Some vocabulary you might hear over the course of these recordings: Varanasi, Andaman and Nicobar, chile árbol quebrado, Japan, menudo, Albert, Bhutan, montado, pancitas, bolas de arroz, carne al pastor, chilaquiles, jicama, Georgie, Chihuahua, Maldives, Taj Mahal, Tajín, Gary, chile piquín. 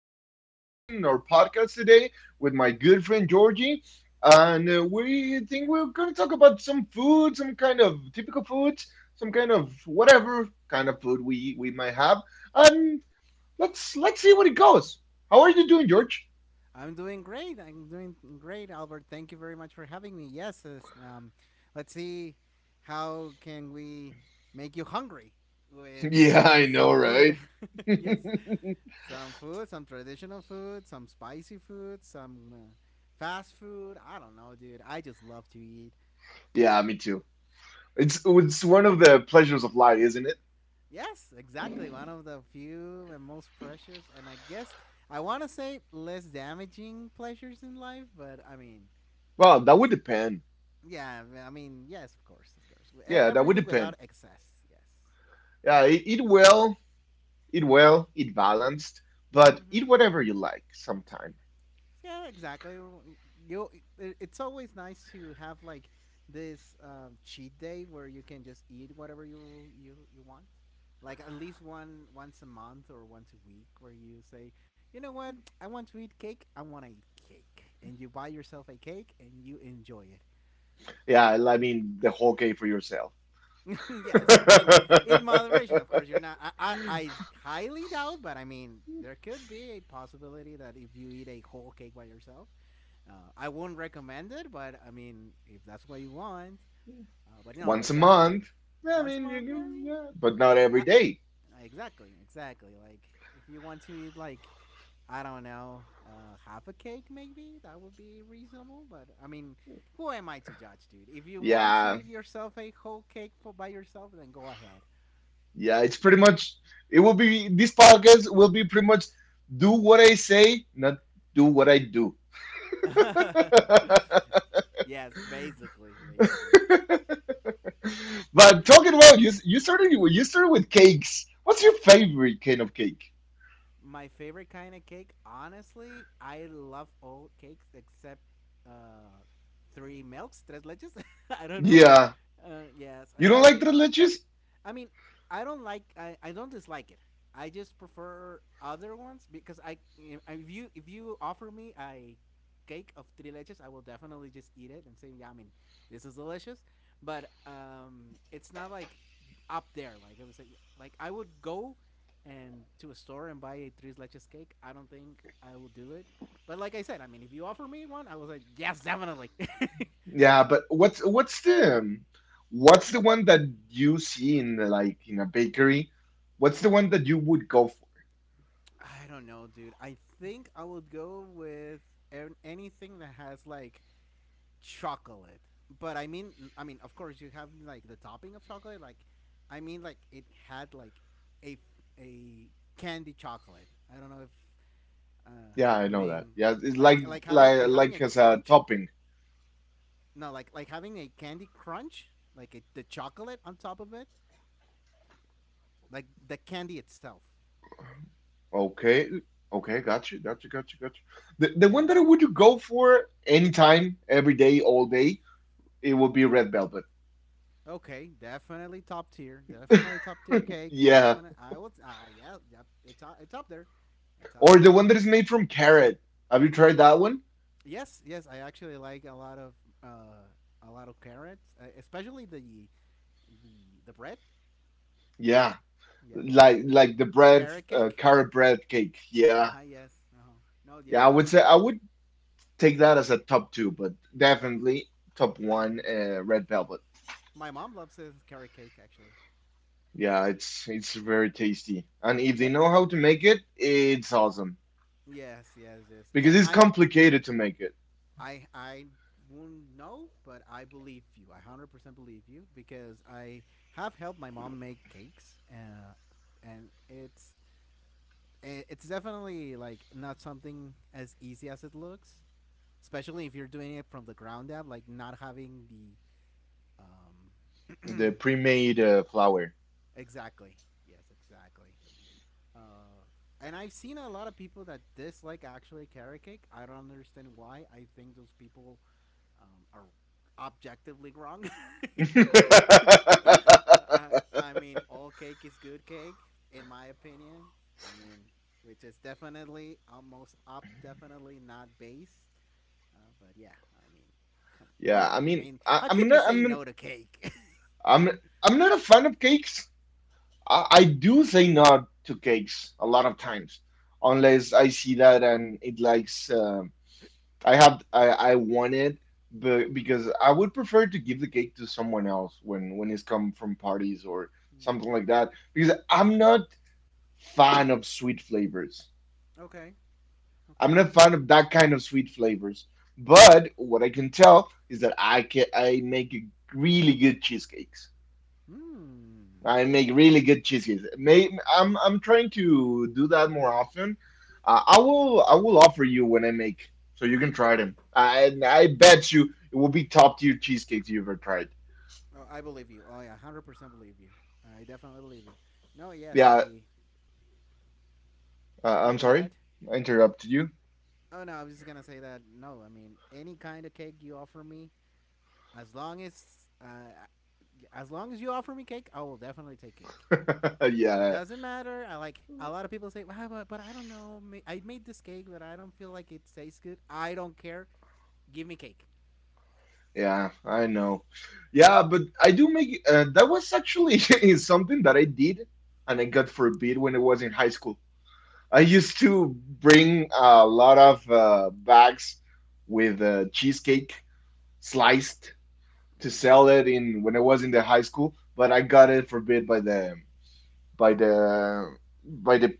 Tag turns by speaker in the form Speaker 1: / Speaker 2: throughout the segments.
Speaker 1: We're again in our podcast today with my good friend Georgie, and we think we're going to talk about some food, some kind of typical foods, some kind of whatever kind of food we might have, and let's see what it goes. How are you doing, George?
Speaker 2: I'm doing great. I'm doing great, Albert. Thank you very much for having me. Yes, this, let's see how can we make you hungry with
Speaker 1: Yeah, I know,
Speaker 2: some
Speaker 1: right?
Speaker 2: food. Yes, some food, some traditional food, some spicy food, some fast food. I don't know, dude. I just love to eat.
Speaker 1: Yeah, me too. It's one of the pleasures of life, isn't it?
Speaker 2: Yes, exactly. One of the few and most precious, and I guess I want to say less damaging pleasures in life, but I mean,
Speaker 1: Well, that would depend.
Speaker 2: yeah, I mean, yes, of course, of course.
Speaker 1: Yeah, that would
Speaker 2: Everything
Speaker 1: depend.
Speaker 2: without excess. Yes.
Speaker 1: Yeah, eat well. Eat well, eat
Speaker 2: hmm
Speaker 1: balanced, but eat
Speaker 2: hmm
Speaker 1: whatever you like sometime.
Speaker 2: Yeah, exactly. You. It's always nice to have like this cheat day where you can just eat whatever you want. Like at least one once a month or once a week, where you say, you know what, I want to eat cake. I want to eat cake, and you buy yourself a cake and you enjoy it.
Speaker 1: Yeah, I mean, the whole cake for yourself.
Speaker 2: Yes, I mean in moderation, of course. You're not. I highly doubt, but I mean there could be a possibility that if you eat a whole cake by yourself, I wouldn't recommend it. But I mean, if that's what you want, but no,
Speaker 1: Once
Speaker 2: but
Speaker 1: a
Speaker 2: yeah, I mean,
Speaker 1: month. I
Speaker 2: once a
Speaker 1: mean, you
Speaker 2: month. Yeah, I
Speaker 1: can,
Speaker 2: mean,
Speaker 1: yeah, but not every
Speaker 2: uh,
Speaker 1: day.
Speaker 2: exactly, exactly. Like if you want to eat like. I don't know, half a cake maybe that would be reasonable. But I mean, who am I to judge, dude? If you want to
Speaker 1: Yeah,
Speaker 2: eat yourself a whole cake for by yourself, then go ahead.
Speaker 1: yeah, it's pretty much, it will be, this podcast will be pretty much do what I say, not do what I do.
Speaker 2: Yes, basically, basically.
Speaker 1: But talking about you, you started with cakes. What's your favorite kind of cake?
Speaker 2: My favorite kind of cake, honestly, I love all cakes except uh, three milks, tres leches. I don't know.
Speaker 1: Yeah,
Speaker 2: Yes,
Speaker 1: you don't like the leches?
Speaker 2: I mean, I don't dislike it. I just prefer other ones because I if you offer me a cake of three leches, I will definitely just eat it and say, yeah, I mean, this is delicious. But it's not like up there. Like it was like I would go and to a store and buy a three leches cake. I don't think I will do it. But like I said, I mean, if you offer me one, I was like, yes, definitely.
Speaker 1: Yeah, but what's the one that you see in the, like in a bakery? What's the one that you would go for?
Speaker 2: I don't know, dude. I think I would go with anything that has like chocolate. I mean, of course, you have like the topping of chocolate. Like, I mean, like it had like a a candy chocolate. I don't know if uh,
Speaker 1: Yeah, I
Speaker 2: I'm
Speaker 1: know that.
Speaker 2: being
Speaker 1: Yeah, it's
Speaker 2: like
Speaker 1: like
Speaker 2: like having
Speaker 1: like
Speaker 2: like having a
Speaker 1: like as a
Speaker 2: crunch.
Speaker 1: topping.
Speaker 2: No, like having a candy crunch, like a, the chocolate on top of it, like the candy itself.
Speaker 1: Okay, okay, got you, got you, got you, got you. The
Speaker 2: Yeah,
Speaker 1: one that I would go for anytime, every day, all day, it would be red velvet.
Speaker 2: okay, definitely top tier. Definitely top tier cake.
Speaker 1: Yeah,
Speaker 2: Definitely, I would. Ah, yeah, yeah, yep. It's up. It's up there. It's up
Speaker 1: or the
Speaker 2: there.
Speaker 1: one that is made from carrot. Have you tried that one?
Speaker 2: Yes, yes. I actually like uh, a lot of carrots, especially the the the bread.
Speaker 1: Yeah,
Speaker 2: Yeah,
Speaker 1: like the bread,
Speaker 2: carrot cake.
Speaker 1: carrot bread cake. Yeah,
Speaker 2: Uh huh. Yes. Uh huh. No.
Speaker 1: yeah.
Speaker 2: Yes.
Speaker 1: I would say I
Speaker 2: Definitely.
Speaker 1: would take that as a top two, but definitely top one,
Speaker 2: Mm-hmm.
Speaker 1: red velvet.
Speaker 2: My mom loves this carrot cake actually.
Speaker 1: Yeah, it's very tasty, and if they
Speaker 2: And
Speaker 1: know how to make it, it's awesome
Speaker 2: yes. Yes. Yes.
Speaker 1: because
Speaker 2: And
Speaker 1: it's
Speaker 2: I
Speaker 1: complicated to make it.
Speaker 2: I I won't know, but I believe you. I 100% believe you because I have helped my mom make cakes, and it's it's definitely like not something as easy as it looks. Especially if you're doing it from the ground up, like not having the
Speaker 1: The
Speaker 2: um,
Speaker 1: pre-made flour.
Speaker 2: exactly. Yes, exactly. Uh, and I've seen a lot of people that dislike actually carrot cake. I don't understand why. I think those people um, are objectively wrong. I I mean, all cake is good cake, in my opinion. I mean, which is definitely almost up, definitely not base. But yeah, I mean, come
Speaker 1: Yeah,
Speaker 2: on.
Speaker 1: I
Speaker 2: I
Speaker 1: mean,
Speaker 2: mean,
Speaker 1: I,
Speaker 2: how could you say no to cake?
Speaker 1: I'm, I'm not a fan of cakes. I do say no to cakes a lot of times, unless I see that and it likes. I have I want it, but because I would prefer to give the cake to someone else when it's come from parties or something like that. Because I'm not fan of sweet flavors.
Speaker 2: Hmm. Okay.
Speaker 1: I'm
Speaker 2: Okay.
Speaker 1: not fan of that kind of sweet flavors. But what I can tell is that I make really good cheesecakes.
Speaker 2: Hmm.
Speaker 1: I make really good cheesecakes. May, I'm trying to do that more often. I will offer you when I make, so you can try them. I bet you it will be top tier cheesecakes you ever tried.
Speaker 2: Oh, I believe you. Oh yeah, 100% believe you. I definitely believe you. No, yes,
Speaker 1: Yeah,
Speaker 2: I.
Speaker 1: I'm
Speaker 2: No, go
Speaker 1: sorry,
Speaker 2: ahead.
Speaker 1: I interrupted you.
Speaker 2: Oh no, I was just gonna say that. No, I mean any kind of cake you offer me, as long as uh, uh, as long as you offer me cake, I will definitely take cake.
Speaker 1: Yeah,
Speaker 2: It doesn't matter. I like a lot of people say, well, but I don't know. I made this cake, but I don't feel like it tastes good. I don't care. Give me cake.
Speaker 1: yeah, I know. Yeah, but I do make that was actually is something that I did and I got forbid when I was in high school. I used to bring a lot of bags with cheesecake sliced to sell
Speaker 2: Mm,
Speaker 1: it in when I was in the high school, but I got
Speaker 2: mm,
Speaker 1: it forbid by by the by the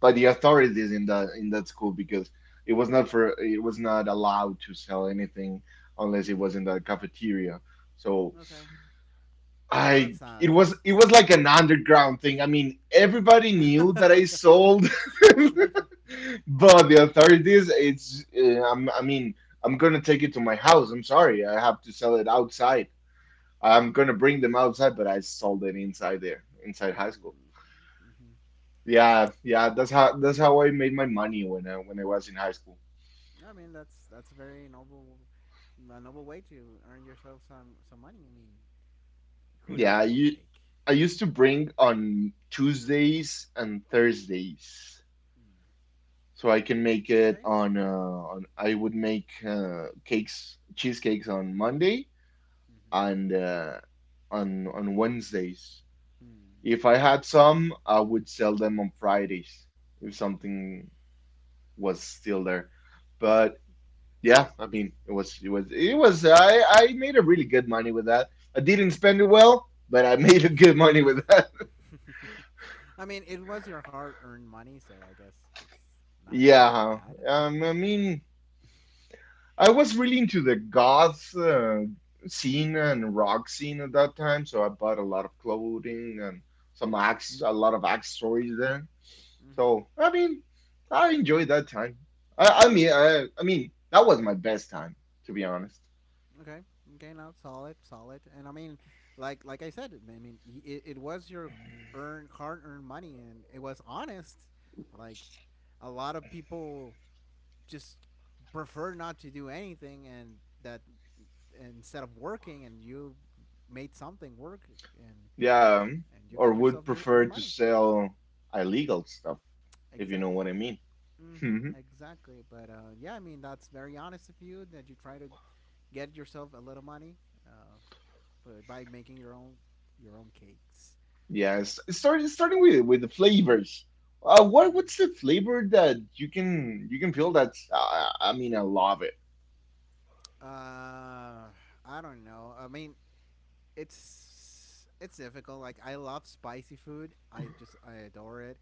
Speaker 1: the authorities in the in that school because it was not for it was not allowed to sell anything unless it was
Speaker 2: mm.
Speaker 1: in the cafeteria. So
Speaker 2: Okay. Well,
Speaker 1: I
Speaker 2: that's not.
Speaker 1: it was like an underground thing. I mean, everybody knew that I
Speaker 2: mm,
Speaker 1: sold. But the authorities, I mean, I'm gonna take it to my house. I'm sorry, I have to sell it outside. I'm gonna bring them outside, but I sold it inside there, inside high school.
Speaker 2: mhm.
Speaker 1: Yeah, yeah, that's how I made my money when I was in high school.
Speaker 2: I mean, that's a very noble, a noble way to earn yourself some money. I mean, who
Speaker 1: Yeah,
Speaker 2: doesn't love cake?
Speaker 1: I used to bring on Tuesdays and Thursdays,
Speaker 2: Mm.
Speaker 1: so I can make it
Speaker 2: Okay.
Speaker 1: on. I would make cakes, cheesecakes on Monday and on Wednesdays. If
Speaker 2: Mm-hmm.
Speaker 1: I had some, I would sell them on Fridays if something was still there. But yeah, I mean, it was it was it was I made a really good money with that. I didn't spend it well, but I made a
Speaker 2: Mm.
Speaker 1: good money with that.
Speaker 2: I mean, it was your hard-earned money, so I guess it's not as
Speaker 1: Yeah,
Speaker 2: bad.
Speaker 1: I mean, I was really into the goth scene and rock scene at that time, so I bought a lot of clothing and a lot of accessories there. So
Speaker 2: hmm
Speaker 1: I mean, I enjoyed that time.
Speaker 2: Yeah, I
Speaker 1: I, I
Speaker 2: mean,
Speaker 1: mean, I, I mean that was my best time, to be honest.
Speaker 2: okay, okay, now solid, solid, and I mean, like I said, I mean, it was your earn hard-earned money, and it was honest. Like, a lot of people just prefer not to do anything, and that and instead of working, and you made something work, and
Speaker 1: Yeah,
Speaker 2: and you
Speaker 1: or
Speaker 2: got
Speaker 1: would
Speaker 2: yourself your
Speaker 1: prefer
Speaker 2: own
Speaker 1: to
Speaker 2: money.
Speaker 1: sell illegal stuff if you know
Speaker 2: Exactly.
Speaker 1: what I mean. Hmm.
Speaker 2: Mm-hmm. Exactly. But yeah, I mean that's very honest of you that you try to get yourself a little money, uh, but by making your own cakes. Yeah.
Speaker 1: Yes, starting with the flavors. What's
Speaker 2: Mm.
Speaker 1: the flavor that you can feel that's I mean I love it.
Speaker 2: Uh, I don't know. I mean, it's difficult. Like I love spicy food. I adore it.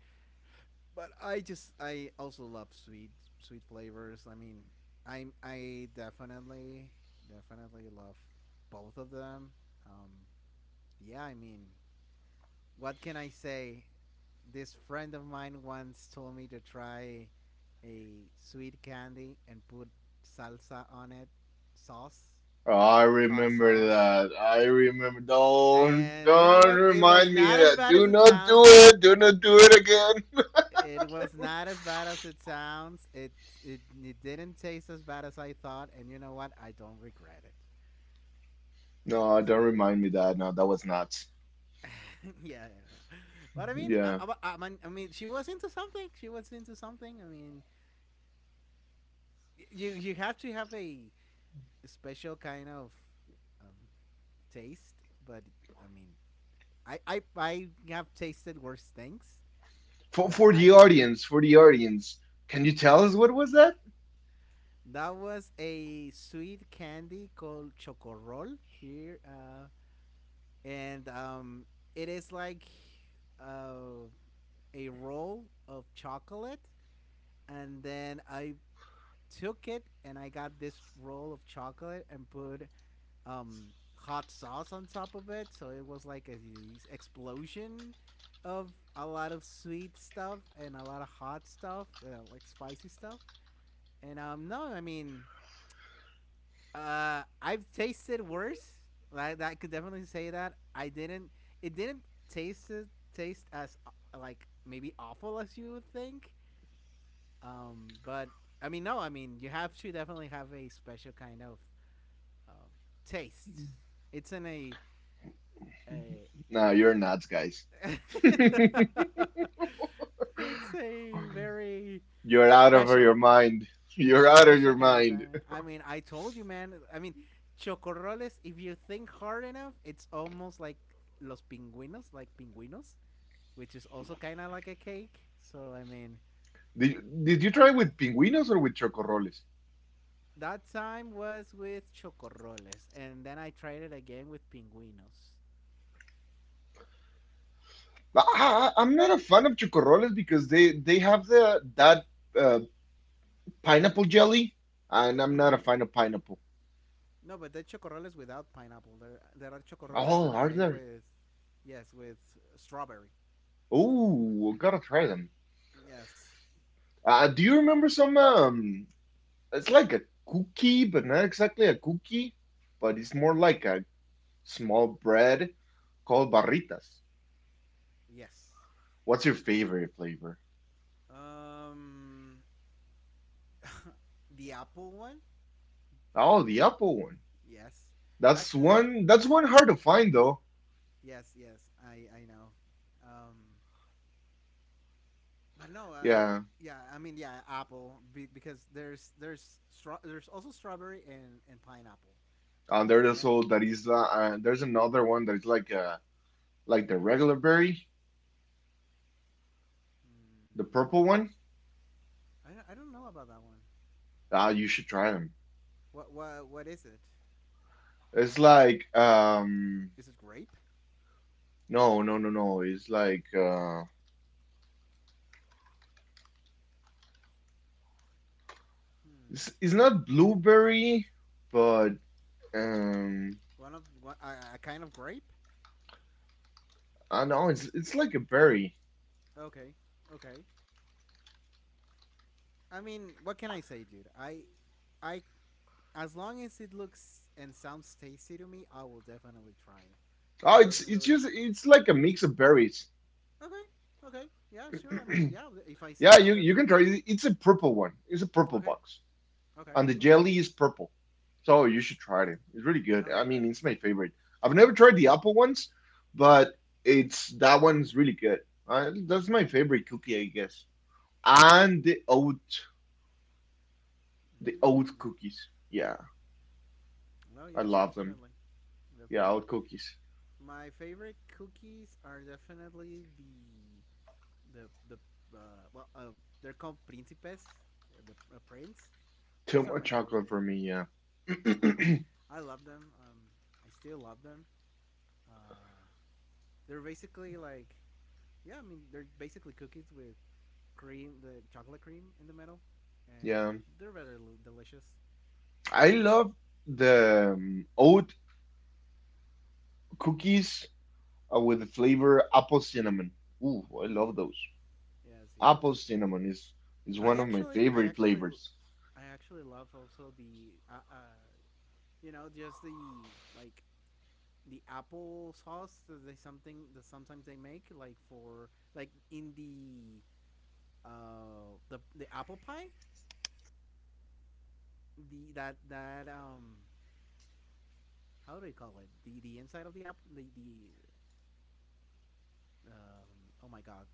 Speaker 2: But I also love sweet flavors. I mean, I definitely definitely love both of them. Um, yeah, I mean, what can I say? This friend of mine once told me to try a sweet candy and put salsa on it, sauce,
Speaker 1: I
Speaker 2: hot
Speaker 1: remember
Speaker 2: sauce.
Speaker 1: that. I remember. Don't
Speaker 2: And you know
Speaker 1: don't
Speaker 2: what? It was
Speaker 1: remind me
Speaker 2: not
Speaker 1: of
Speaker 2: as
Speaker 1: that.
Speaker 2: bad as
Speaker 1: Do
Speaker 2: it
Speaker 1: not do
Speaker 2: sounds.
Speaker 1: it. Do not do it again.
Speaker 2: It was not as bad as it sounds. It didn't taste as bad as I thought, and you know what? I don't regret it.
Speaker 1: No, don't
Speaker 2: So,
Speaker 1: remind me that. No, that was nuts.
Speaker 2: yeah, yeah. But
Speaker 1: Yeah.
Speaker 2: I, I mean, she was into something. She was into something. I mean, you have to have a special kind of um, taste. But I mean, I I have tasted worse things
Speaker 1: For
Speaker 2: that
Speaker 1: the
Speaker 2: I could.
Speaker 1: audience, for the audience, can you tell us what was that?
Speaker 2: That was a sweet candy called chocorrol here. And it is like uh, a roll of chocolate, and then I took it and I got this roll of chocolate and put um, hot sauce on top of it, so it was like a explosion of a lot of sweet stuff and a lot of hot stuff, like spicy stuff. And no, I mean I've tasted worse. Like I could definitely say that I didn't. It didn't taste taste as like maybe awful as you would think. But I mean, no. I mean, you have to definitely have a special kind of um, taste. It's in a
Speaker 1: No, you're nuts, guys.
Speaker 2: it's a very
Speaker 1: You're out of your
Speaker 2: special
Speaker 1: mind. You're out of
Speaker 2: special
Speaker 1: your
Speaker 2: kind of
Speaker 1: mind.
Speaker 2: time. I mean, I told you, man. I mean, chocorroles, if you think hard enough, it's almost like los pingüinos, like pingüinos, which is also kind of like a cake. So, I mean,
Speaker 1: Did you try with pinguinos or with chocorroles?
Speaker 2: that time was with chocorroles, and then I tried it again with pingüinos.
Speaker 1: I'm not a fan of chocorroles because they have the that uh, pineapple jelly, and I'm not a
Speaker 2: Mm-hmm.
Speaker 1: fan of pineapple.
Speaker 2: No, but they're chocorroles without pineapple. There are chocorroles
Speaker 1: Oh,
Speaker 2: that are
Speaker 1: are
Speaker 2: made
Speaker 1: there?
Speaker 2: with, yes, with strawberry.
Speaker 1: Oh, gotta try them.
Speaker 2: Yes,
Speaker 1: Do you remember some it's like a cookie, but not exactly a cookie, but it's more like a small bread called barritas.
Speaker 2: yes.
Speaker 1: What's your favorite flavor?
Speaker 2: Um, the apple one.
Speaker 1: Oh, the apple one.
Speaker 2: Yes.
Speaker 1: That's
Speaker 2: Actually, I
Speaker 1: one. That's one hard to find though.
Speaker 2: yes, yes, I know. Um, but no,
Speaker 1: Yeah,
Speaker 2: yeah, I mean, yeah, apple be, because there's also strawberry and pineapple.
Speaker 1: and
Speaker 2: Eh,
Speaker 1: there's also that is there's another one that is like the regular berry, the purple
Speaker 2: mm,
Speaker 1: one.
Speaker 2: I I don't know about that one.
Speaker 1: Ah, you should try them.
Speaker 2: What what is it?
Speaker 1: It's like,
Speaker 2: Is it grape?
Speaker 1: no, no, no, no. It's like it's,
Speaker 2: Hmm.
Speaker 1: it's not blueberry, but um
Speaker 2: One of one a kind of grape?
Speaker 1: I know it's like a berry.
Speaker 2: Okay. Okay. I mean, what can I say, dude? I as long as it looks and sounds tasty to me, I will definitely try it. It
Speaker 1: Oh,
Speaker 2: doesn't
Speaker 1: it's
Speaker 2: really
Speaker 1: just
Speaker 2: matter.
Speaker 1: it's like a mix of berries.
Speaker 2: Okay. Okay. Yeah. Sure. I mean, yeah. If I
Speaker 1: Yeah,
Speaker 2: see it,
Speaker 1: you
Speaker 2: I'll
Speaker 1: you can
Speaker 2: definitely
Speaker 1: try
Speaker 2: try
Speaker 1: it.
Speaker 2: it.
Speaker 1: It's a purple one. It's a purple
Speaker 2: Okay.
Speaker 1: box,
Speaker 2: Okay.
Speaker 1: and the
Speaker 2: Okay.
Speaker 1: jelly is purple. So you should try it. It's really good.
Speaker 2: No.
Speaker 1: I
Speaker 2: Yeah.
Speaker 1: mean,
Speaker 2: That.
Speaker 1: it's my favorite. I've never tried the apple ones, but it's that one's really good. That's my
Speaker 2: Mm-hmm.
Speaker 1: favorite cookie, I guess.
Speaker 2: Mm.
Speaker 1: And the oat
Speaker 2: Mm.
Speaker 1: cookies. Yeah,
Speaker 2: Well,
Speaker 1: I
Speaker 2: yes.
Speaker 1: love them.
Speaker 2: Definitely.
Speaker 1: Yeah, oat
Speaker 2: Definitely.
Speaker 1: cookies.
Speaker 2: My favorite cookies are definitely the well they're called principes, the prince.
Speaker 1: Too
Speaker 2: Those are
Speaker 1: much
Speaker 2: my
Speaker 1: chocolate
Speaker 2: favorite.
Speaker 1: for me. Yeah,
Speaker 2: Hmm I love them. I still love them. Uh, they're basically like yeah. I mean, they're basically cookies with cream, the chocolate cream in the middle,
Speaker 1: yeah.
Speaker 2: and they're very delicious.
Speaker 1: I
Speaker 2: Yeah.
Speaker 1: love the oat cookies with the flavor apple cinnamon. Ooh, I love
Speaker 2: Mm.
Speaker 1: those.
Speaker 2: Yes. Yes.
Speaker 1: Apple cinnamon is one
Speaker 2: I
Speaker 1: of my
Speaker 2: actually, I
Speaker 1: favorite
Speaker 2: actually,
Speaker 1: flavors.
Speaker 2: I actually love also the, you know, just the like the apple sauce that they something that sometimes they make like for like in the apple pie the that that how do you call it the inside of the app the oh my god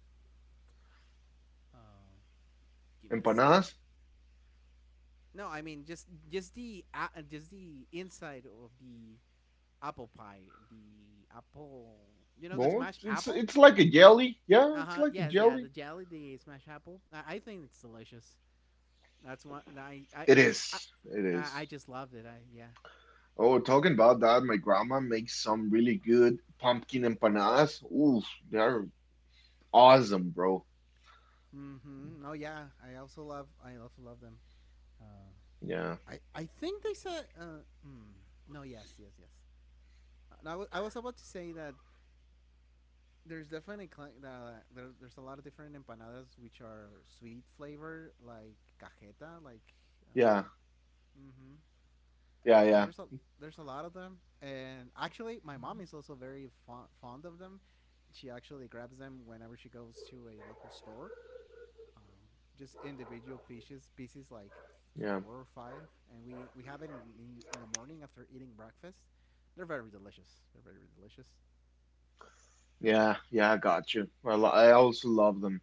Speaker 2: uh give me a
Speaker 1: Empanadas,
Speaker 2: second. No, I mean just the just the inside of the apple pie, the apple. You know the
Speaker 1: well,
Speaker 2: smashed
Speaker 1: it's
Speaker 2: apple?
Speaker 1: it's like a jelly. Yeah,
Speaker 2: Uh
Speaker 1: it's
Speaker 2: huh.
Speaker 1: like a
Speaker 2: Yes, yeah.
Speaker 1: jelly.
Speaker 2: The jelly, the smashed apple. I think it's delicious. That's one. I I
Speaker 1: It
Speaker 2: I
Speaker 1: is. It
Speaker 2: I
Speaker 1: is.
Speaker 2: just loved it. I yeah.
Speaker 1: Oh, talking about that, my grandma makes some really good pumpkin empanadas. Ooh, they are awesome, bro.
Speaker 2: Mm-hmm. No, yeah. I also love them. Uh,
Speaker 1: Yeah,
Speaker 2: I think they said. Mm, no. Yes. Yes. Yes. I was about to say that there's definitely there's a lot of different empanadas which are sweet flavor, like cajeta, um,
Speaker 1: yeah,
Speaker 2: mm-hmm.
Speaker 1: yeah,
Speaker 2: No,
Speaker 1: yeah,
Speaker 2: there's a lot of them, and actually my mom is also very fond of them. She actually grabs them whenever she goes to a local store, um, just individual pieces, like
Speaker 1: yeah,
Speaker 2: four or five, and we have it in the morning after eating breakfast. They're very delicious, they're very delicious.
Speaker 1: yeah, yeah. I got you. I also love them.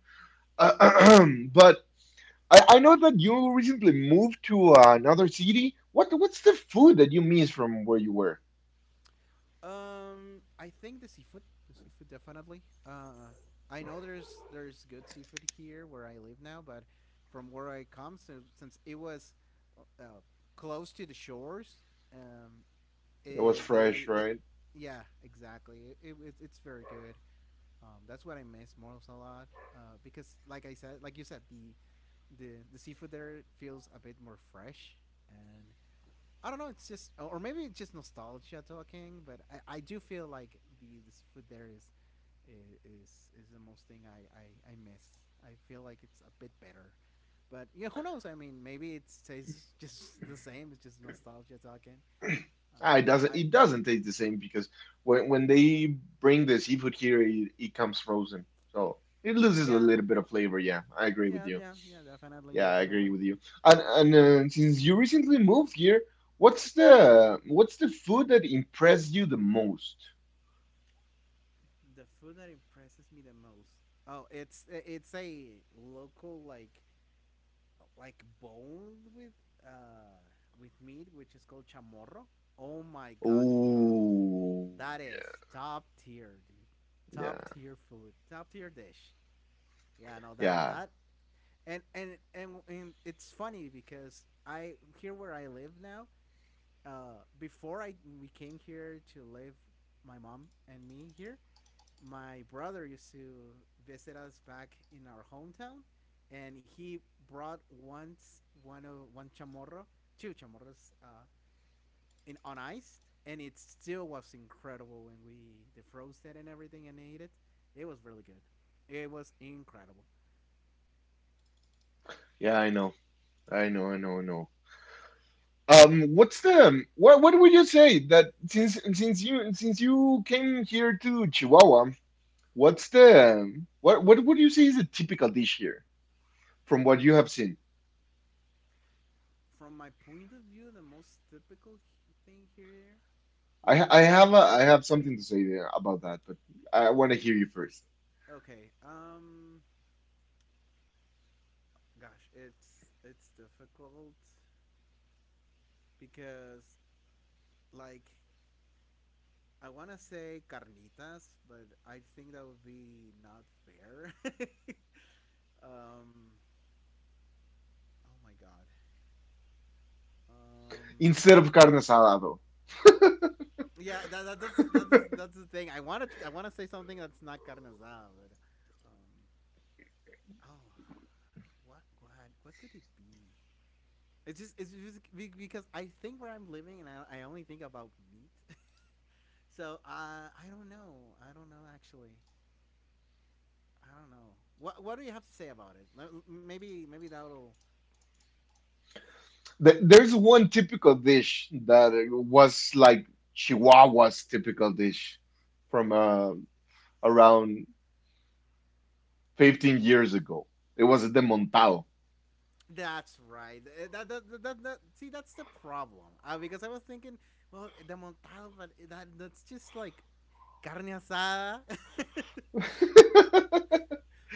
Speaker 1: Uh, but I know that you recently moved to another city. What's the food that you miss from where you were?
Speaker 2: I think the seafood definitely. I know there's good seafood here where I live now, but from where I come, so, since it was, uh, close to the shores, um,
Speaker 1: It was
Speaker 2: it,
Speaker 1: fresh,
Speaker 2: they they,
Speaker 1: right?
Speaker 2: yeah, exactly. It's very good. That's what I miss most a lot. Because like I said, like you said, the seafood there feels a bit more fresh, and I don't know. It's just, or maybe it's just nostalgia talking. But I do feel like the food there is the most thing I miss. I feel like it's a bit better, but yeah, who knows? I mean, maybe it tastes just the same. It's just nostalgia talking.
Speaker 1: Ah, it
Speaker 2: I
Speaker 1: doesn't it doesn't taste the same because when they bring the seafood here, it comes frozen, so it loses a
Speaker 2: Yeah,
Speaker 1: little bit of flavor. Yeah, I agree with
Speaker 2: yeah,
Speaker 1: you.
Speaker 2: yeah, yeah, definitely,
Speaker 1: Yeah, I
Speaker 2: definitely.
Speaker 1: agree with you. And since you recently moved here, what's the food that impressed you the most?
Speaker 2: The food that impresses me the most. Oh, it's a local, like, bone with, uh with meat, which is called chamorro. Oh my god, dude,
Speaker 1: Oh,
Speaker 2: that is top tier, dude. Top
Speaker 1: yeah,
Speaker 2: tier food, top tier dish. Yeah, no, that
Speaker 1: yeah.
Speaker 2: that and it's funny because I here where I live now. Before I we came here to live, my mom and me here, my brother used to visit us back in our hometown, and he brought once one chamorro, two chamorros, in on ice, and it still was incredible when we defrosted it and everything and ate it. It was really good. It was incredible.
Speaker 1: Yeah, I know. I know, I know, I know. What's the what? What would you say that since you came here to Chihuahua, what's the what would you say is a typical dish here from what you have seen?
Speaker 2: From my point of view, the most typical thing here
Speaker 1: I ha-
Speaker 2: would
Speaker 1: I have
Speaker 2: be.
Speaker 1: a, I have something to say there about that, but I want to hear you first.
Speaker 2: Okay. Gosh, it's difficult because, like, I want to say carnitas, but I think that would be not fair. um, oh my god. Um,
Speaker 1: Instead of carne asada, though,
Speaker 2: yeah, that's the thing. I want to say something that's not carne asada, but um, oh, what what what could it be? Because I think where I'm living, and I only think about meat. So, I don't know. I don't know, actually. I don't know. What do you have to say about it? Maybe that'll...
Speaker 1: th there's one typical dish that was like Chihuahua's typical dish from around 15 years ago. It was the montado.
Speaker 2: That's right. See, that's the problem. Because I was thinking, well, the montado, but, that's just like carne asada.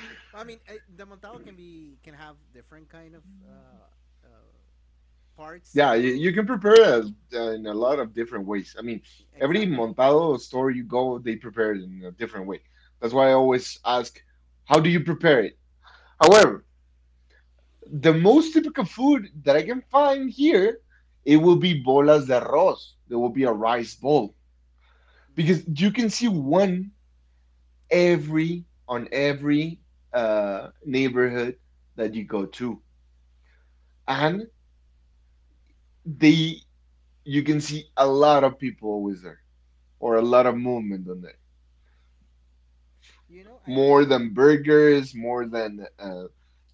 Speaker 2: I mean, the montado can have different kind of, uh, parts
Speaker 1: Yeah, you,
Speaker 2: of,
Speaker 1: you can prepare it
Speaker 2: of
Speaker 1: in a lot of different ways. I mean, every
Speaker 2: exactly,
Speaker 1: montado store you go, they prepare it in a different way. That's why I
Speaker 2: exactly.
Speaker 1: always ask, how do you prepare it? However, the most typical food that I can find here, it will be bolas de arroz. There will be a rice bowl because
Speaker 2: Hmm.
Speaker 1: you can see one every on every neighborhood that you go to, and they you can see a lot of people always there or a lot of movement on there,
Speaker 2: You know, I
Speaker 1: more
Speaker 2: actually...
Speaker 1: than burgers, more than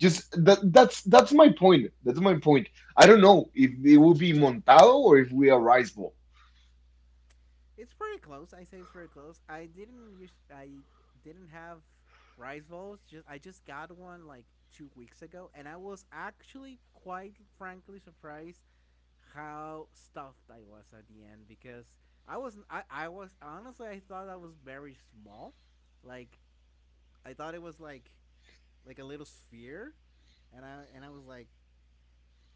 Speaker 1: just that. That's my point. That's my point. I don't know if it will be montado or if we are rice bowl.
Speaker 2: It's pretty close. I say it's pretty close. I didn't use. I didn't have rice balls. Just I just got one like 2 weeks ago, and I was actually quite frankly surprised how stuffed I was at the end because I wasn't. I was, honestly, I thought I was very small. Like, I thought it was like, a little sphere, and I was like,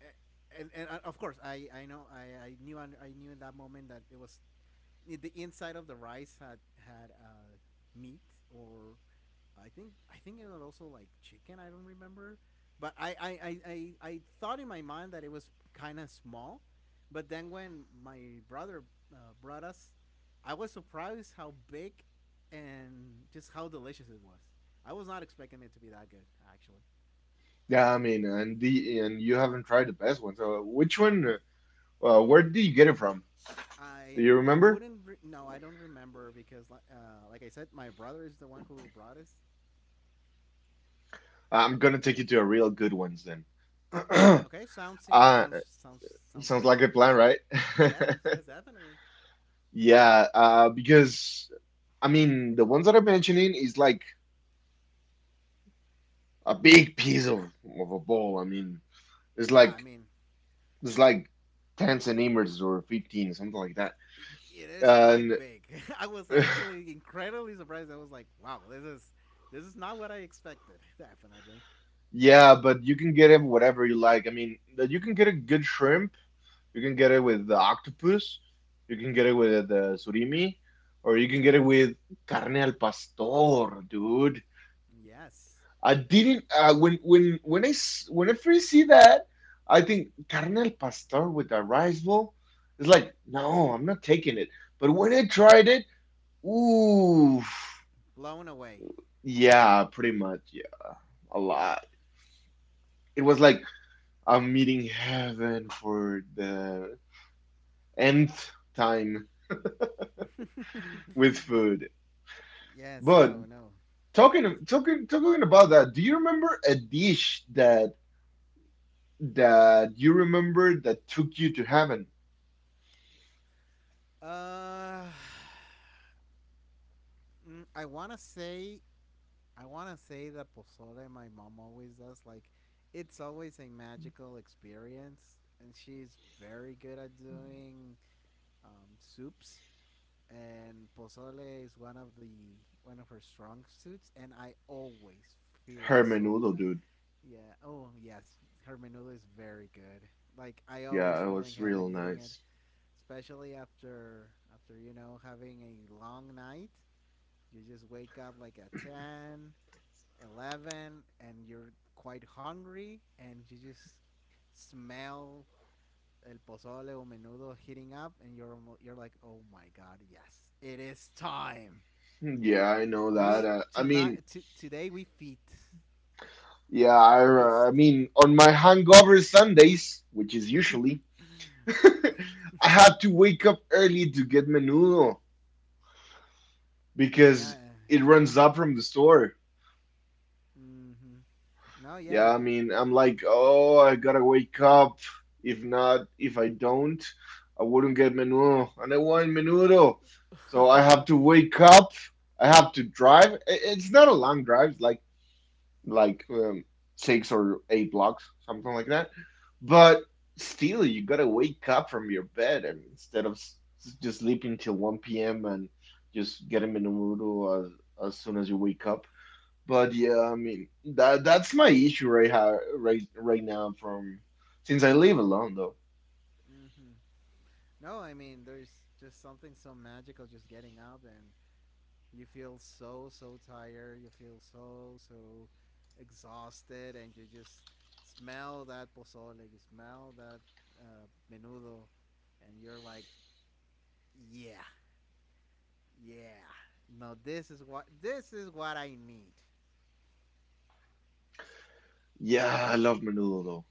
Speaker 2: eh, and, of course, I know I knew in that moment that it was the inside of the rice had, had uh, meat, or I think it was also like chicken. I don't remember, but I thought in my mind that it was kind of small, but then when my brother, brought us, I was surprised how big and just how delicious it was. I was not expecting it to be that good, actually.
Speaker 1: Yeah, I mean, and you haven't tried the best one. So which one? Where did you get it from?
Speaker 2: I
Speaker 1: Do you remember?
Speaker 2: wouldn't re- No, I don't remember, because, like I said, my brother is the one who brought us.
Speaker 1: I'm gonna take you to a real good ones then.
Speaker 2: Okay,
Speaker 1: uh,
Speaker 2: sounds
Speaker 1: sounds
Speaker 2: great.
Speaker 1: like a plan, right?
Speaker 2: Yes, yes, definitely.
Speaker 1: Yeah, because I mean, the ones that I'm mentioning is like a big piece of a ball. I mean, it's
Speaker 2: Yeah, I
Speaker 1: like
Speaker 2: mean,
Speaker 1: it's like 10 centimeters or 15, something like that.
Speaker 2: it is quite
Speaker 1: And
Speaker 2: big. I was actually incredibly surprised. I was like, wow, this is not what I expected. Definitely.
Speaker 1: yeah, but you can get it whatever you like. I mean, that you can get a good shrimp, you can get it with the octopus, you can get it with the surimi, or you can get it with carne al pastor, dude.
Speaker 2: Yes,
Speaker 1: I didn't when when I first see that, I think carne al pastor with a rice bowl. It's like, no, I'm not taking it. But when I tried it, ooh.
Speaker 2: blown away.
Speaker 1: Yeah, pretty much. Yeah, a lot. It was like I'm meeting heaven for the nth time with food.
Speaker 2: Yes,
Speaker 1: But
Speaker 2: no, no.
Speaker 1: talking
Speaker 2: It's,
Speaker 1: talking talking about that, do you remember a dish that you remember that took you to heaven?
Speaker 2: uh, mm, I want to say I want to say the pozole my mom always does. Like, it's always a magical experience, and she's very good at doing, soups. And pozole is one of her strong suits, and I always feel so
Speaker 1: Hermenudo,
Speaker 2: mad.
Speaker 1: dude.
Speaker 2: Yeah. Oh yes, her menudo is very good. Like, I always
Speaker 1: Yeah, it
Speaker 2: feel
Speaker 1: was
Speaker 2: like
Speaker 1: real
Speaker 2: having eating it,
Speaker 1: nice.
Speaker 2: especially after having a long night. You just wake up like at 10 11, and you're quite hungry, and you just smell el pozole o menudo heating up, and you're like, oh my god, yes, it is time.
Speaker 1: Yeah, I know that. I mean,
Speaker 2: Today we feast,
Speaker 1: yeah, I
Speaker 2: feast.
Speaker 1: mean, on my hangover Sundays, which is usually. I have to wake up early to get menudo
Speaker 2: Yeah,
Speaker 1: because it runs up from the store.
Speaker 2: mm-hmm. No,
Speaker 1: Yeah,
Speaker 2: yeah,
Speaker 1: I
Speaker 2: and...
Speaker 1: mean, I'm like, oh, I gotta wake up. If not, if I don't, I wouldn't get menudo. And I want menudo. So I have
Speaker 2: Hmm,
Speaker 1: to wake up. I have to drive. It's not a long drive, it's like like um, six or eight blocks, something like that. But still, you gotta wake up from your bed and instead of just sleeping till 1 p.m. and just getting menudo as soon as you wake up. But yeah, I mean that's my issue right ha right right now from since I live alone though.
Speaker 2: hmm. No, I mean, there's just something so magical just getting up, and you feel so, so tired, you feel so, so exhausted, and you just smell that pozole, you smell that, menudo, and you're like, yeah, yeah, no, this is what I need.
Speaker 1: Yeah, I love menudo though.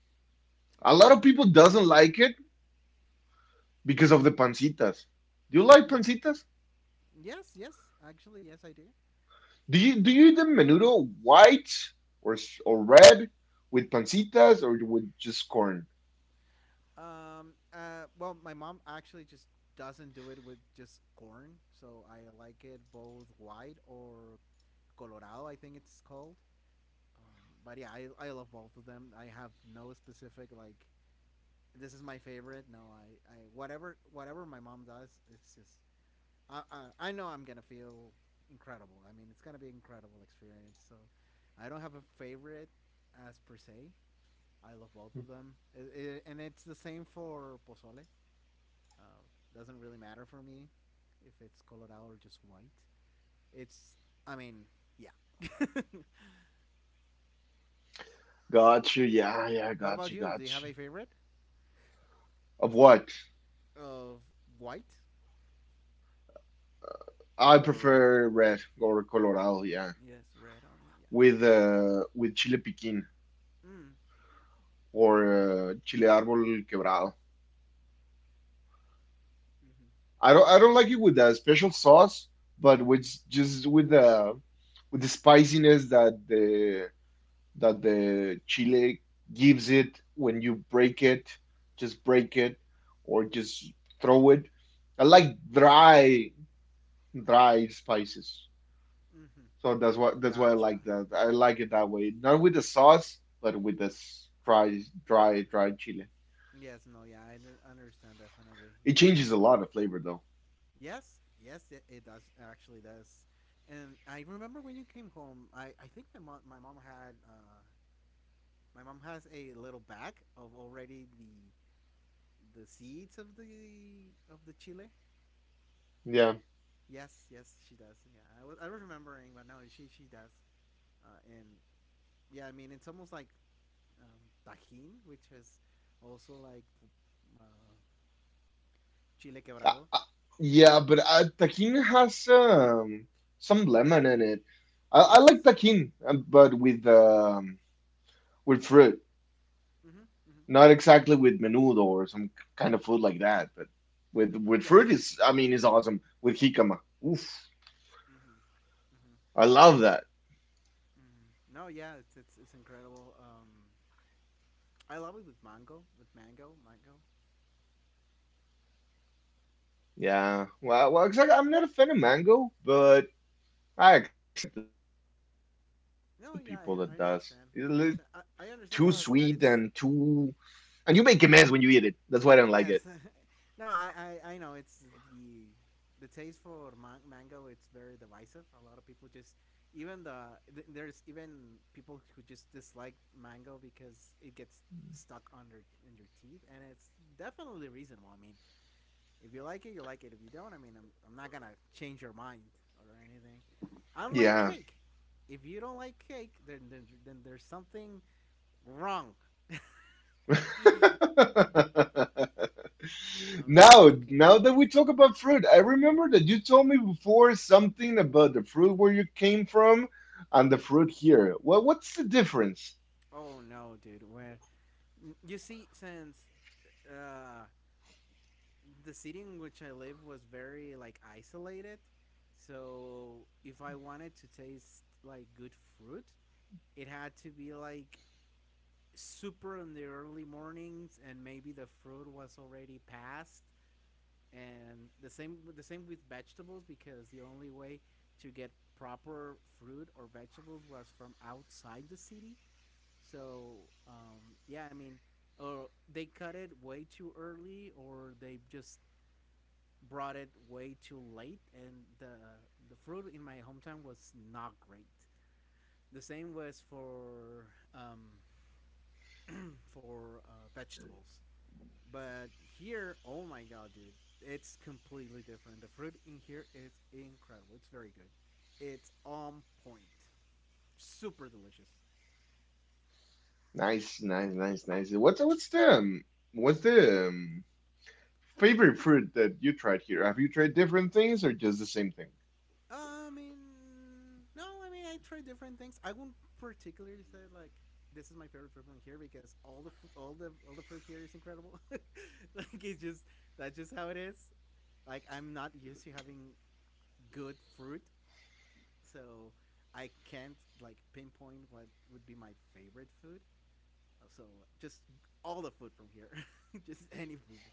Speaker 1: A
Speaker 2: I
Speaker 1: lot
Speaker 2: mean,
Speaker 1: of people
Speaker 2: menudos.
Speaker 1: doesn't like it because of the pancitas. Do you like
Speaker 2: Mm-hmm.
Speaker 1: pancitas?
Speaker 2: Yes, yes, actually, yes, I do.
Speaker 1: Do you eat the menudo white or or red with pancitas or with just corn?
Speaker 2: Well, my mom actually just doesn't do it with just corn, so I like it both white or colorado, I think it's called. Um, but yeah, I love both of them. I have no specific, like, this is my favorite. No, I whatever my mom does, it's just I know I'm gonna feel incredible. I mean, it's gonna be an incredible experience. So, I don't have a favorite as per se. I love both of them, and it's the same for pozole. Uh, doesn't really matter for me if it's colorado or just white. It's... I mean, yeah.
Speaker 1: Got you. Yeah, yeah,
Speaker 2: What
Speaker 1: got you,
Speaker 2: about you?
Speaker 1: got
Speaker 2: Do you
Speaker 1: you.
Speaker 2: have a favorite
Speaker 1: Of what?
Speaker 2: of white?
Speaker 1: I
Speaker 2: Or
Speaker 1: prefer red or colorado, yeah.
Speaker 2: yes, red. I mean, yes.
Speaker 1: With chile piquin
Speaker 2: Mm.
Speaker 1: or
Speaker 2: Mhm.
Speaker 1: chile árbol quebrado.
Speaker 2: Mhm.
Speaker 1: I don't like it with a special sauce, but with just with the spiciness that the chile gives it when you break it, just break it or just throw it. I like dry, dry spices.
Speaker 2: Mhm.
Speaker 1: So that's why
Speaker 2: Mhm.
Speaker 1: that's why I
Speaker 2: Gotcha.
Speaker 1: like that. I like it that way. Not with the sauce, but with this dry, dry, dry chile.
Speaker 2: Yes. No. Yeah. I understand, definitely.
Speaker 1: It
Speaker 2: Yes.
Speaker 1: changes a lot of flavor though.
Speaker 2: Yes. Yes. It does. Actually, does. And I remember when you came home. I think my mom had, my mom has a little bag of already the seeds of the chile.
Speaker 1: Yeah.
Speaker 2: Yes. Yes. She does. Yeah. I was remembering, but no. She does. And yeah, I mean, it's almost like, tajín, which is also like, uh, chile
Speaker 1: I,
Speaker 2: quebrado.
Speaker 1: I, yeah, but taquin has some lemon in it. I like
Speaker 2: Yes.
Speaker 1: taquin, but with fruit.
Speaker 2: Mm-hmm, mm-hmm,
Speaker 1: Not
Speaker 2: mm-hmm.
Speaker 1: exactly with menudo or some kind of food like that, but with fruit
Speaker 2: Yes.
Speaker 1: is I mean is awesome. With jicama. Oof.
Speaker 2: Mm-hmm, mm-hmm,
Speaker 1: I love that.
Speaker 2: mm-hmm. No, yeah, it's incredible. I love it with mango, mango.
Speaker 1: Yeah. Well, well, exactly. I'm not a fan of mango, but I accept the people that does. It- It's like
Speaker 2: No, yeah,
Speaker 1: too
Speaker 2: I
Speaker 1: sweet
Speaker 2: understand. I
Speaker 1: and
Speaker 2: understand. I
Speaker 1: too
Speaker 2: understand that,
Speaker 1: and you
Speaker 2: it's...
Speaker 1: make a mess when you eat it. That's why I don't like it.
Speaker 2: Yes. No, I know it's the the taste for mango. It's very divisive. A lot of people just, even the there's even people who just dislike mango because it gets stuck under in your teeth, and it's definitely reasonable. I mean, if you like it, you like it. If you don't, I mean, I'm not gonna change your mind or anything. Unlike
Speaker 1: Yeah.
Speaker 2: cake, if you don't like cake, then then there's something wrong. I mean,
Speaker 1: Now,
Speaker 2: how can?
Speaker 1: now that we talk about fruit, I remember that you told me before something about the fruit where you came from and the fruit here. Well, what's the difference?
Speaker 2: Oh no, dude. Where You see, since, uh, the city in which I live was very, like, isolated, so if I wanted to taste, like, good fruit, it had to be like super in the early mornings, and maybe the fruit was already past. And the same with vegetables, because the only way to get proper fruit or vegetables was from outside the city. So, yeah, I mean, or they cut it way too early, or they just brought it way too late, and the fruit in my hometown was not great. The same was for, um, vegetables, but here, oh my god, dude, it's completely different. The fruit in here is incredible. It's very good. It's on point. Super delicious.
Speaker 1: Nice, nice, nice, nice. What's what's the favorite fruit that you tried here? Have you tried different things or just the same thing?
Speaker 2: I mean, no, I mean, I try different things. I won't particularly say, like, this is my favorite fruit from here, because all the fruit here is incredible. like it's just That's just how it is. Like, I'm not used to having good fruit, so I can't, like, pinpoint what would be my favorite food. So, just all the food from here, just any food,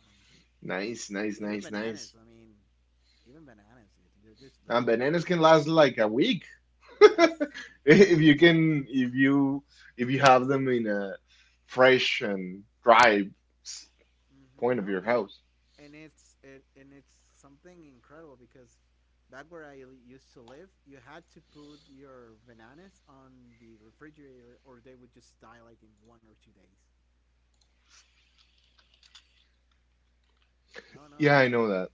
Speaker 2: um,
Speaker 1: Nice, nice, nice,
Speaker 2: even
Speaker 1: nice.
Speaker 2: bananas. I mean, even bananas, they're just
Speaker 1: And
Speaker 2: very good.
Speaker 1: bananas can last like a week
Speaker 2: Yes,
Speaker 1: if
Speaker 2: yes.
Speaker 1: you can if you if you have them in a fresh and dry s- point of
Speaker 2: Hmm.
Speaker 1: your
Speaker 2: No,
Speaker 1: house.
Speaker 2: and and it's something incredible because back where I used to live, you had to put your bananas on the refrigerator, or they would just die like in 1 or 2 days. No, no, I
Speaker 1: Yeah, I
Speaker 2: mean,
Speaker 1: know that.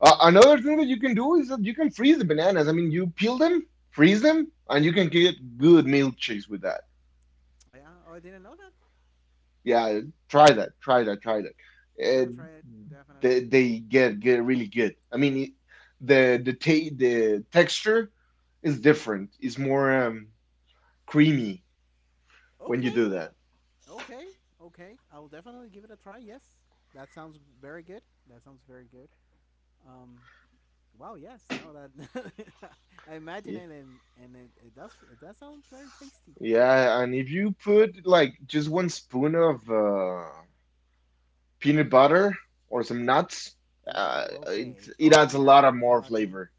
Speaker 1: Another
Speaker 2: uh,
Speaker 1: thing that you can do is that you can freeze the bananas. I mean, you peel them, freeze them, and you can get good milkshakes with that.
Speaker 2: yeah, oh, I didn't know that.
Speaker 1: Yeah, try that.
Speaker 2: I'm gonna
Speaker 1: Uh,
Speaker 2: try it definitely.
Speaker 1: they get really good. I mean, it- the texture is different. It's more creamy when you
Speaker 2: Okay,
Speaker 1: do that.
Speaker 2: okay, okay. I will definitely give it a try. Yes, that sounds very good. That sounds very good. Um, Wow. Yes. No. That I imagine
Speaker 1: Yeah,
Speaker 2: it, and it does sound very tasty.
Speaker 1: yeah, and if you put like just one spoon of peanut butter or some nuts,
Speaker 2: Ooh. Okay.
Speaker 1: it adds
Speaker 2: Okay.
Speaker 1: a lot
Speaker 2: Now
Speaker 1: of
Speaker 2: we're
Speaker 1: more
Speaker 2: talking.
Speaker 1: flavor.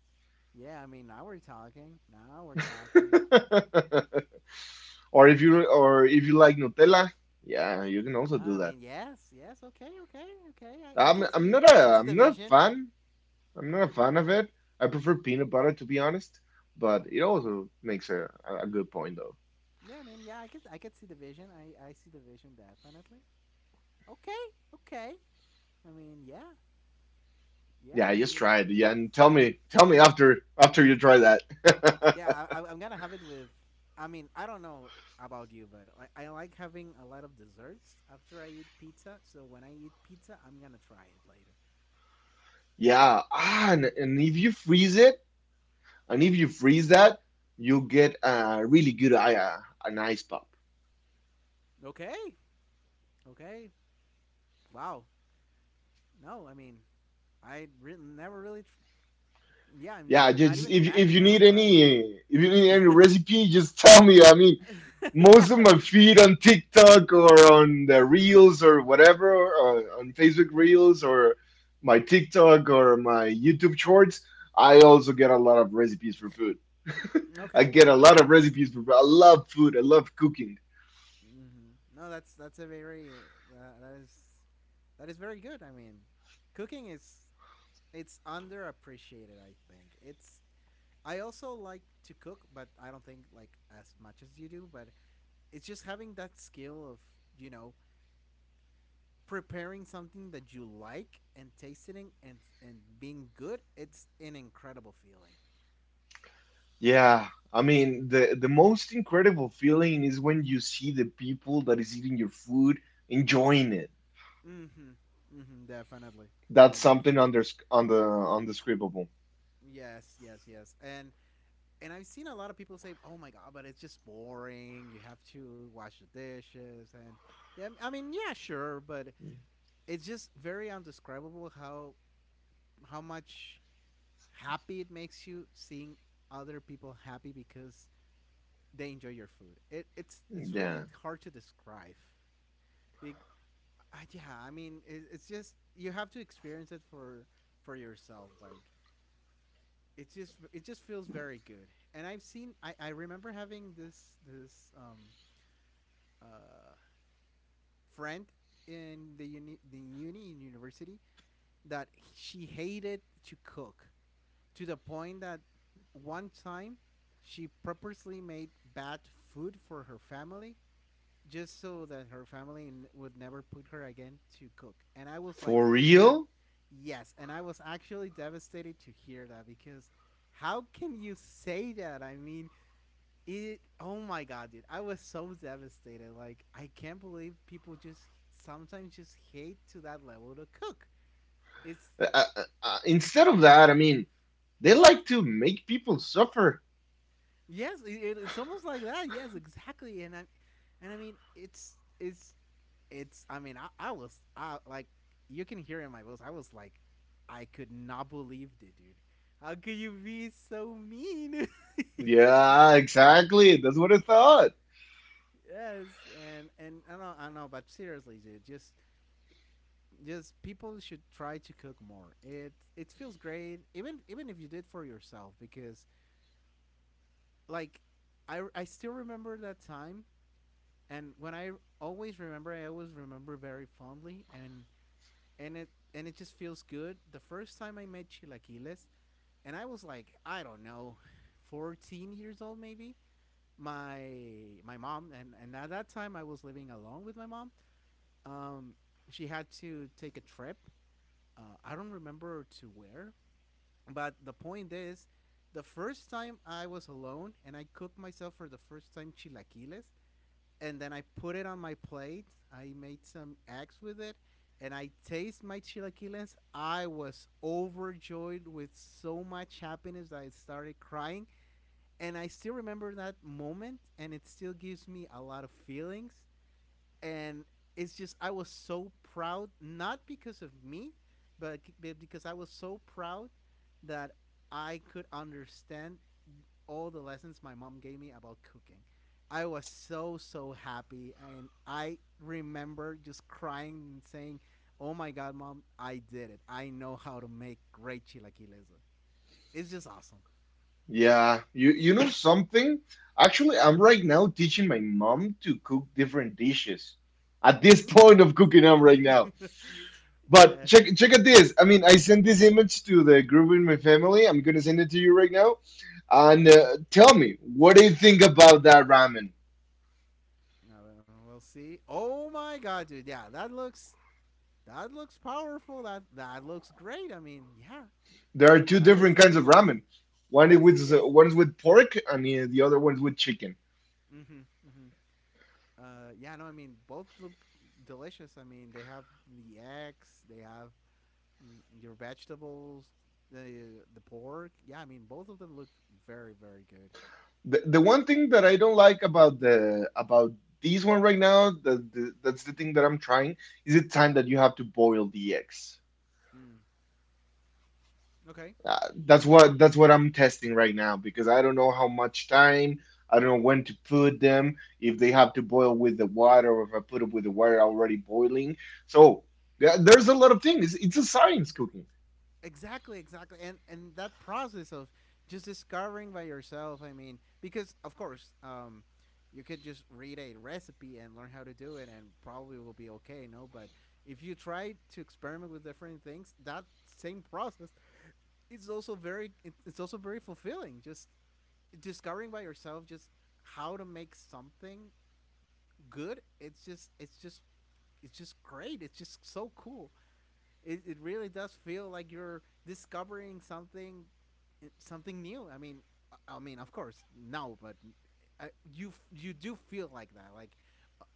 Speaker 2: Yeah. I mean, now we're talking. Now we're talking. Damn.
Speaker 1: or if you like Nutella, yeah, you can also do
Speaker 2: I
Speaker 1: that.
Speaker 2: mean, yes. Yes. Okay. Okay. Okay. I can see. I can see
Speaker 1: I'm
Speaker 2: the
Speaker 1: not a
Speaker 2: vision.
Speaker 1: fan. I'm not a fan of it. I prefer peanut butter to be honest, but it
Speaker 2: Mhm.
Speaker 1: also makes a good point though.
Speaker 2: Yeah. I mean, yeah. I could. I could see the vision. I see the vision definitely. Okay. Okay. I mean, yeah. Yeah. I
Speaker 1: Yeah, just
Speaker 2: mean,
Speaker 1: try it. Yeah, and tell me after after you try that.
Speaker 2: yeah, I'm gonna have it with. I mean, I don't know about you, but I like having a lot of desserts after I eat pizza. So when I eat pizza, I'm gonna try it later.
Speaker 1: Yeah, ah, and if you freeze it. And if you freeze that, you get a really good an ice pop.
Speaker 2: Okay. Okay. Wow. No, I mean, never really. Yeah, I'm
Speaker 1: Yeah,
Speaker 2: not
Speaker 1: just
Speaker 2: even
Speaker 1: if
Speaker 2: imagine
Speaker 1: you
Speaker 2: it or
Speaker 1: need
Speaker 2: tried.
Speaker 1: any if you need any recipe, just tell me. I mean,
Speaker 2: Yeah.
Speaker 1: most of my feed on TikTok or on the Reels or whatever, or on Facebook Reels or my TikTok or my YouTube Shorts, I also get a lot of recipes for food. I
Speaker 2: Okay.
Speaker 1: get a lot
Speaker 2: No.
Speaker 1: of recipes for food. I love food. I love cooking.
Speaker 2: No, that's a very, uh, that is that is very good. I mean, cooking is it's underappreciated. I think it's I also like to cook, but I don't think like as much as you do. But it's just having that skill of you know preparing something that you like and tasting it and being good. It's an incredible feeling.
Speaker 1: Yeah, I mean the most incredible feeling is when you see the people that is eating your food enjoying it.
Speaker 2: Mm-hmm. Mm-hmm. Definitely. No,
Speaker 1: That's something
Speaker 2: definitely.
Speaker 1: under on the undescribable.
Speaker 2: Yes, yes, yes. And I've seen a lot of people say, "Oh my God, but it's just boring. You have to wash the dishes." And yeah, I mean, yeah, sure, but it's just very undescribable how much happy it makes you seeing other people happy because they enjoy your food. It's
Speaker 1: Yeah,
Speaker 2: really hard to describe. Be- yeah, I mean, it's just you have to experience it for yourself. Like, it just feels very good. And I've seen I remember having this uh friend in the university that she hated to cook, to the point that one time she purposely made bad food for her family just so that her family would never put her again to cook. And I was
Speaker 1: for
Speaker 2: like, Deb,
Speaker 1: real.
Speaker 2: yes. And I was actually devastated to hear that because how can you say that? I mean, oh my God, dude. I was so devastated. Like, I can't believe people just sometimes just hate to that level to cook. It's
Speaker 1: Instead of that, I mean, they like to make people suffer.
Speaker 2: Yes, it's almost like that. Yes, exactly. And I mean, it's it's. I mean, I like you can hear in my voice. I was like, I could not believe it, dude. How could you be so mean?
Speaker 1: Yeah, exactly. That's what I thought.
Speaker 2: Yes, and I know, but seriously, dude, just people should try to cook more. It feels great, even if you did for yourself, because like I still remember that time, and when I always remember very fondly, and it and it just feels good. The first time I made chilaquiles, and I was like, I don't know, 14 years old maybe. My my mom, and at that time I was living alone with my mom. Um, she had to take a trip. I don't remember to where, but the point is, the first time I was alone and I cooked myself for the first time chilaquiles, and then I put it on my plate. I made some eggs with it, and I taste my chilaquiles. I was overjoyed with so much happiness that I started crying, and I still remember that moment, and it still gives me a lot of feelings. And it's just I was so proud, not because of me, but because I was so proud that I could understand all the lessons my mom gave me about cooking. I was so so happy, and I remember just crying and saying, "Oh my God, mom! I did it! I know how to make great chilaquiles. It's just awesome."
Speaker 1: Yeah, you know something? Actually, I'm right now teaching my mom to cook different dishes. At this point
Speaker 2: Mm.
Speaker 1: of cooking, I'm right now. But
Speaker 2: Yes.
Speaker 1: check out this. I mean, I sent this image to the group in my family. I'm gonna send it to you right now. And tell me, what do you think about that ramen?
Speaker 2: We'll see. Oh my God, dude! Yeah, that looks powerful. That looks great. I mean, yeah,
Speaker 1: There are two
Speaker 2: that looks
Speaker 1: different kinds of
Speaker 2: delicious.
Speaker 1: ramen. One is
Speaker 2: Yes,
Speaker 1: with
Speaker 2: yes.
Speaker 1: one is with pork, and the other one is with chicken.
Speaker 2: Mm-hmm. Mm-hmm. Yeah, no, I mean both look delicious. I mean they have the eggs, they have your vegetables, the pork. Yeah, I mean both of them look very very good.
Speaker 1: The one thing that I don't like about the about these one right now, the, that's the thing that I'm trying, is the time that you have to boil the eggs.
Speaker 2: Mm, okay,
Speaker 1: Uh, that's what I'm testing right now because I don't know how much time, I don't know when to put them, if they have to boil with the water or if I put them with the water already boiling. So yeah, there's a lot of things. It's a science cooking.
Speaker 2: exactly, exactly, and that process of just discovering by yourself. I mean, because of course. You could just read a recipe and learn how to do it and probably will be okay, no, but if you try to experiment with different things, that same process, it's also very it's also very fulfilling, just discovering by yourself, just how to make something good. It's just great. It's just so cool. It really does feel like you're discovering something, something new. I mean of course, no, but you do feel like that, like,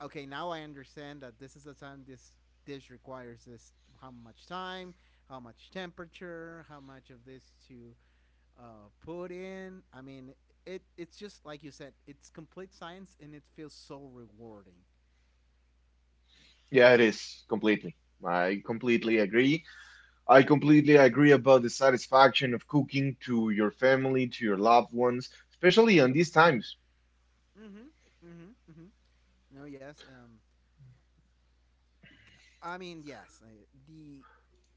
Speaker 2: okay, now I understand that this is the time this dish requires, this, how much time, how much temperature, how much of this to put in. I mean, it's just like you said, it's complete science and it feels so rewarding.
Speaker 1: Yeah, it is completely. I completely agree. I completely agree about the satisfaction of cooking to your family, to your loved ones, especially on these times.
Speaker 2: Mhm. Mhm. Mhm. No, yes. I mean, yes. The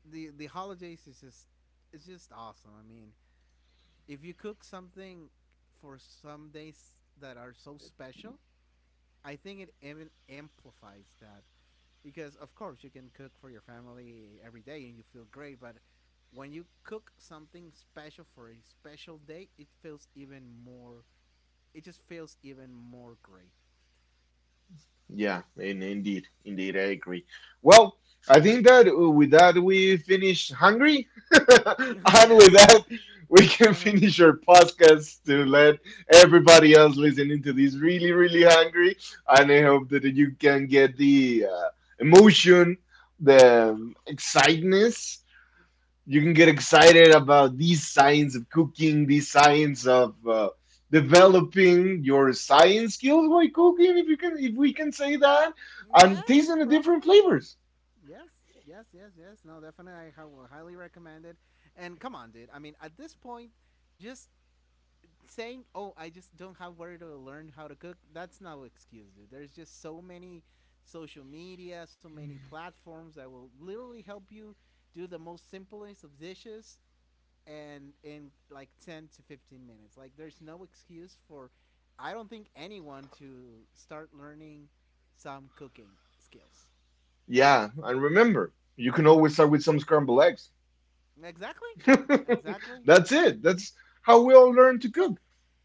Speaker 2: the the holidays, is just it's just awesome. I mean, if you cook something for some days that are so special, I think it even amplifies that, because of course you can cook for your family every day and you feel great, but when you cook something special for a special day, it just feels even more great.
Speaker 1: Yeah, and indeed, indeed, I agree. Well, I think that with that we finish hungry, and
Speaker 2: Yes.
Speaker 1: with that we can
Speaker 2: Uh-huh.
Speaker 1: finish our podcast to let everybody else listening to this really, really hungry. And I hope that you can get the emotion, the excitement, you can get excited about these signs of cooking, these signs of developing your science skills while cooking, if you can, if we can say that, and
Speaker 2: Yeah,
Speaker 1: tasting the different
Speaker 2: probably.
Speaker 1: flavors.
Speaker 2: Yes, yes, yes, yes, no, definitely. Highly recommend it. And come on, dude, I mean, at this point, just saying, "Oh, I just don't have where to learn how to cook," that's no excuse, dude. There's just so many social media, so many platforms that will literally help you do the most simplest of dishes, and in like 10 to 15 minutes. Like, there's no excuse for I don't think anyone to start learning some cooking skills.
Speaker 1: Yeah, and remember, you can always start with some scrambled eggs.
Speaker 2: Exactly. Exactly.
Speaker 1: That's it. That's how we all learn to cook.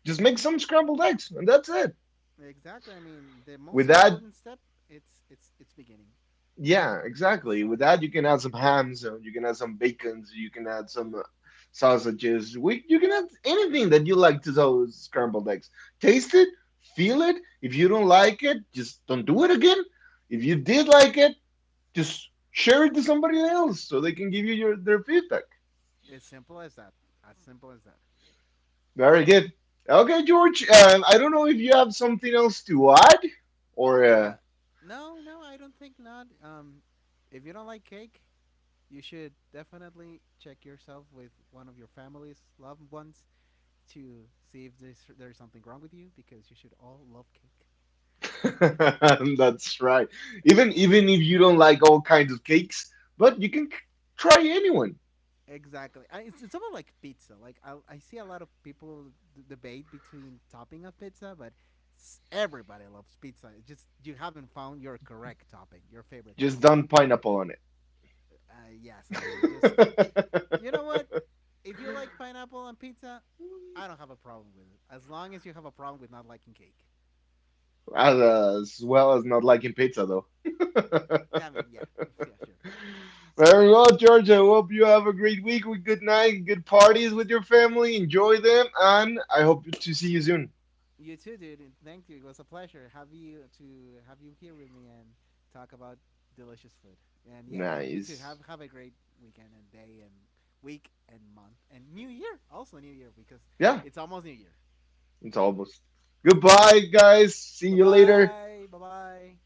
Speaker 1: Just make
Speaker 2: Mhm.
Speaker 1: some scrambled eggs, and that's it.
Speaker 2: Exactly. I mean, the
Speaker 1: With
Speaker 2: most
Speaker 1: that,
Speaker 2: important step, it's beginning.
Speaker 1: yeah,
Speaker 2: It's
Speaker 1: exactly. With
Speaker 2: starting.
Speaker 1: that, you can add some hams, you can add some bacons, you can add some sausages. We, you can add anything that you like to those scrambled eggs. Taste it, feel it. If you don't like it, just don't do it again. If you did like it, just share it to somebody else so they can give you your their feedback.
Speaker 2: As simple as that. As simple as that.
Speaker 1: Very good. Okay, George. I don't know if you have something else to add or.
Speaker 2: Uh, no, no, I don't think not. If you don't like cake, you should definitely check yourself with one of your family's loved ones to see if there's something wrong with you, because you should all love cake.
Speaker 1: That's right. Even even if you don't like all kinds of cakes, but you can try anyone.
Speaker 2: Exactly. It's almost like pizza. Like, I see a lot of people debate between topping of pizza, but everybody loves pizza. It's just you haven't found your correct topping, your favorite
Speaker 1: Just
Speaker 2: topping.
Speaker 1: don't pineapple on it.
Speaker 2: Uh, yes, I mean, just, you know what? If you like pineapple on pizza, I don't have a problem with it. As long as you have a problem with not liking cake.
Speaker 1: As well as not liking pizza, though.
Speaker 2: Yeah, I mean, yeah, yeah, sure.
Speaker 1: Very well, George. I hope you have a great week with good night, good parties with your family. Enjoy them, and I hope to see you soon.
Speaker 2: You too, dude. Thank you. It was a pleasure have you here with me and talk about delicious food. And yeah, you too. Have
Speaker 1: Nice.
Speaker 2: have a great weekend and day and week and month and new year. Also new year because
Speaker 1: Yeah,
Speaker 2: it's almost new year.
Speaker 1: it's almost. Goodbye, guys. See
Speaker 2: Bye
Speaker 1: you later.
Speaker 2: bye. Bye bye.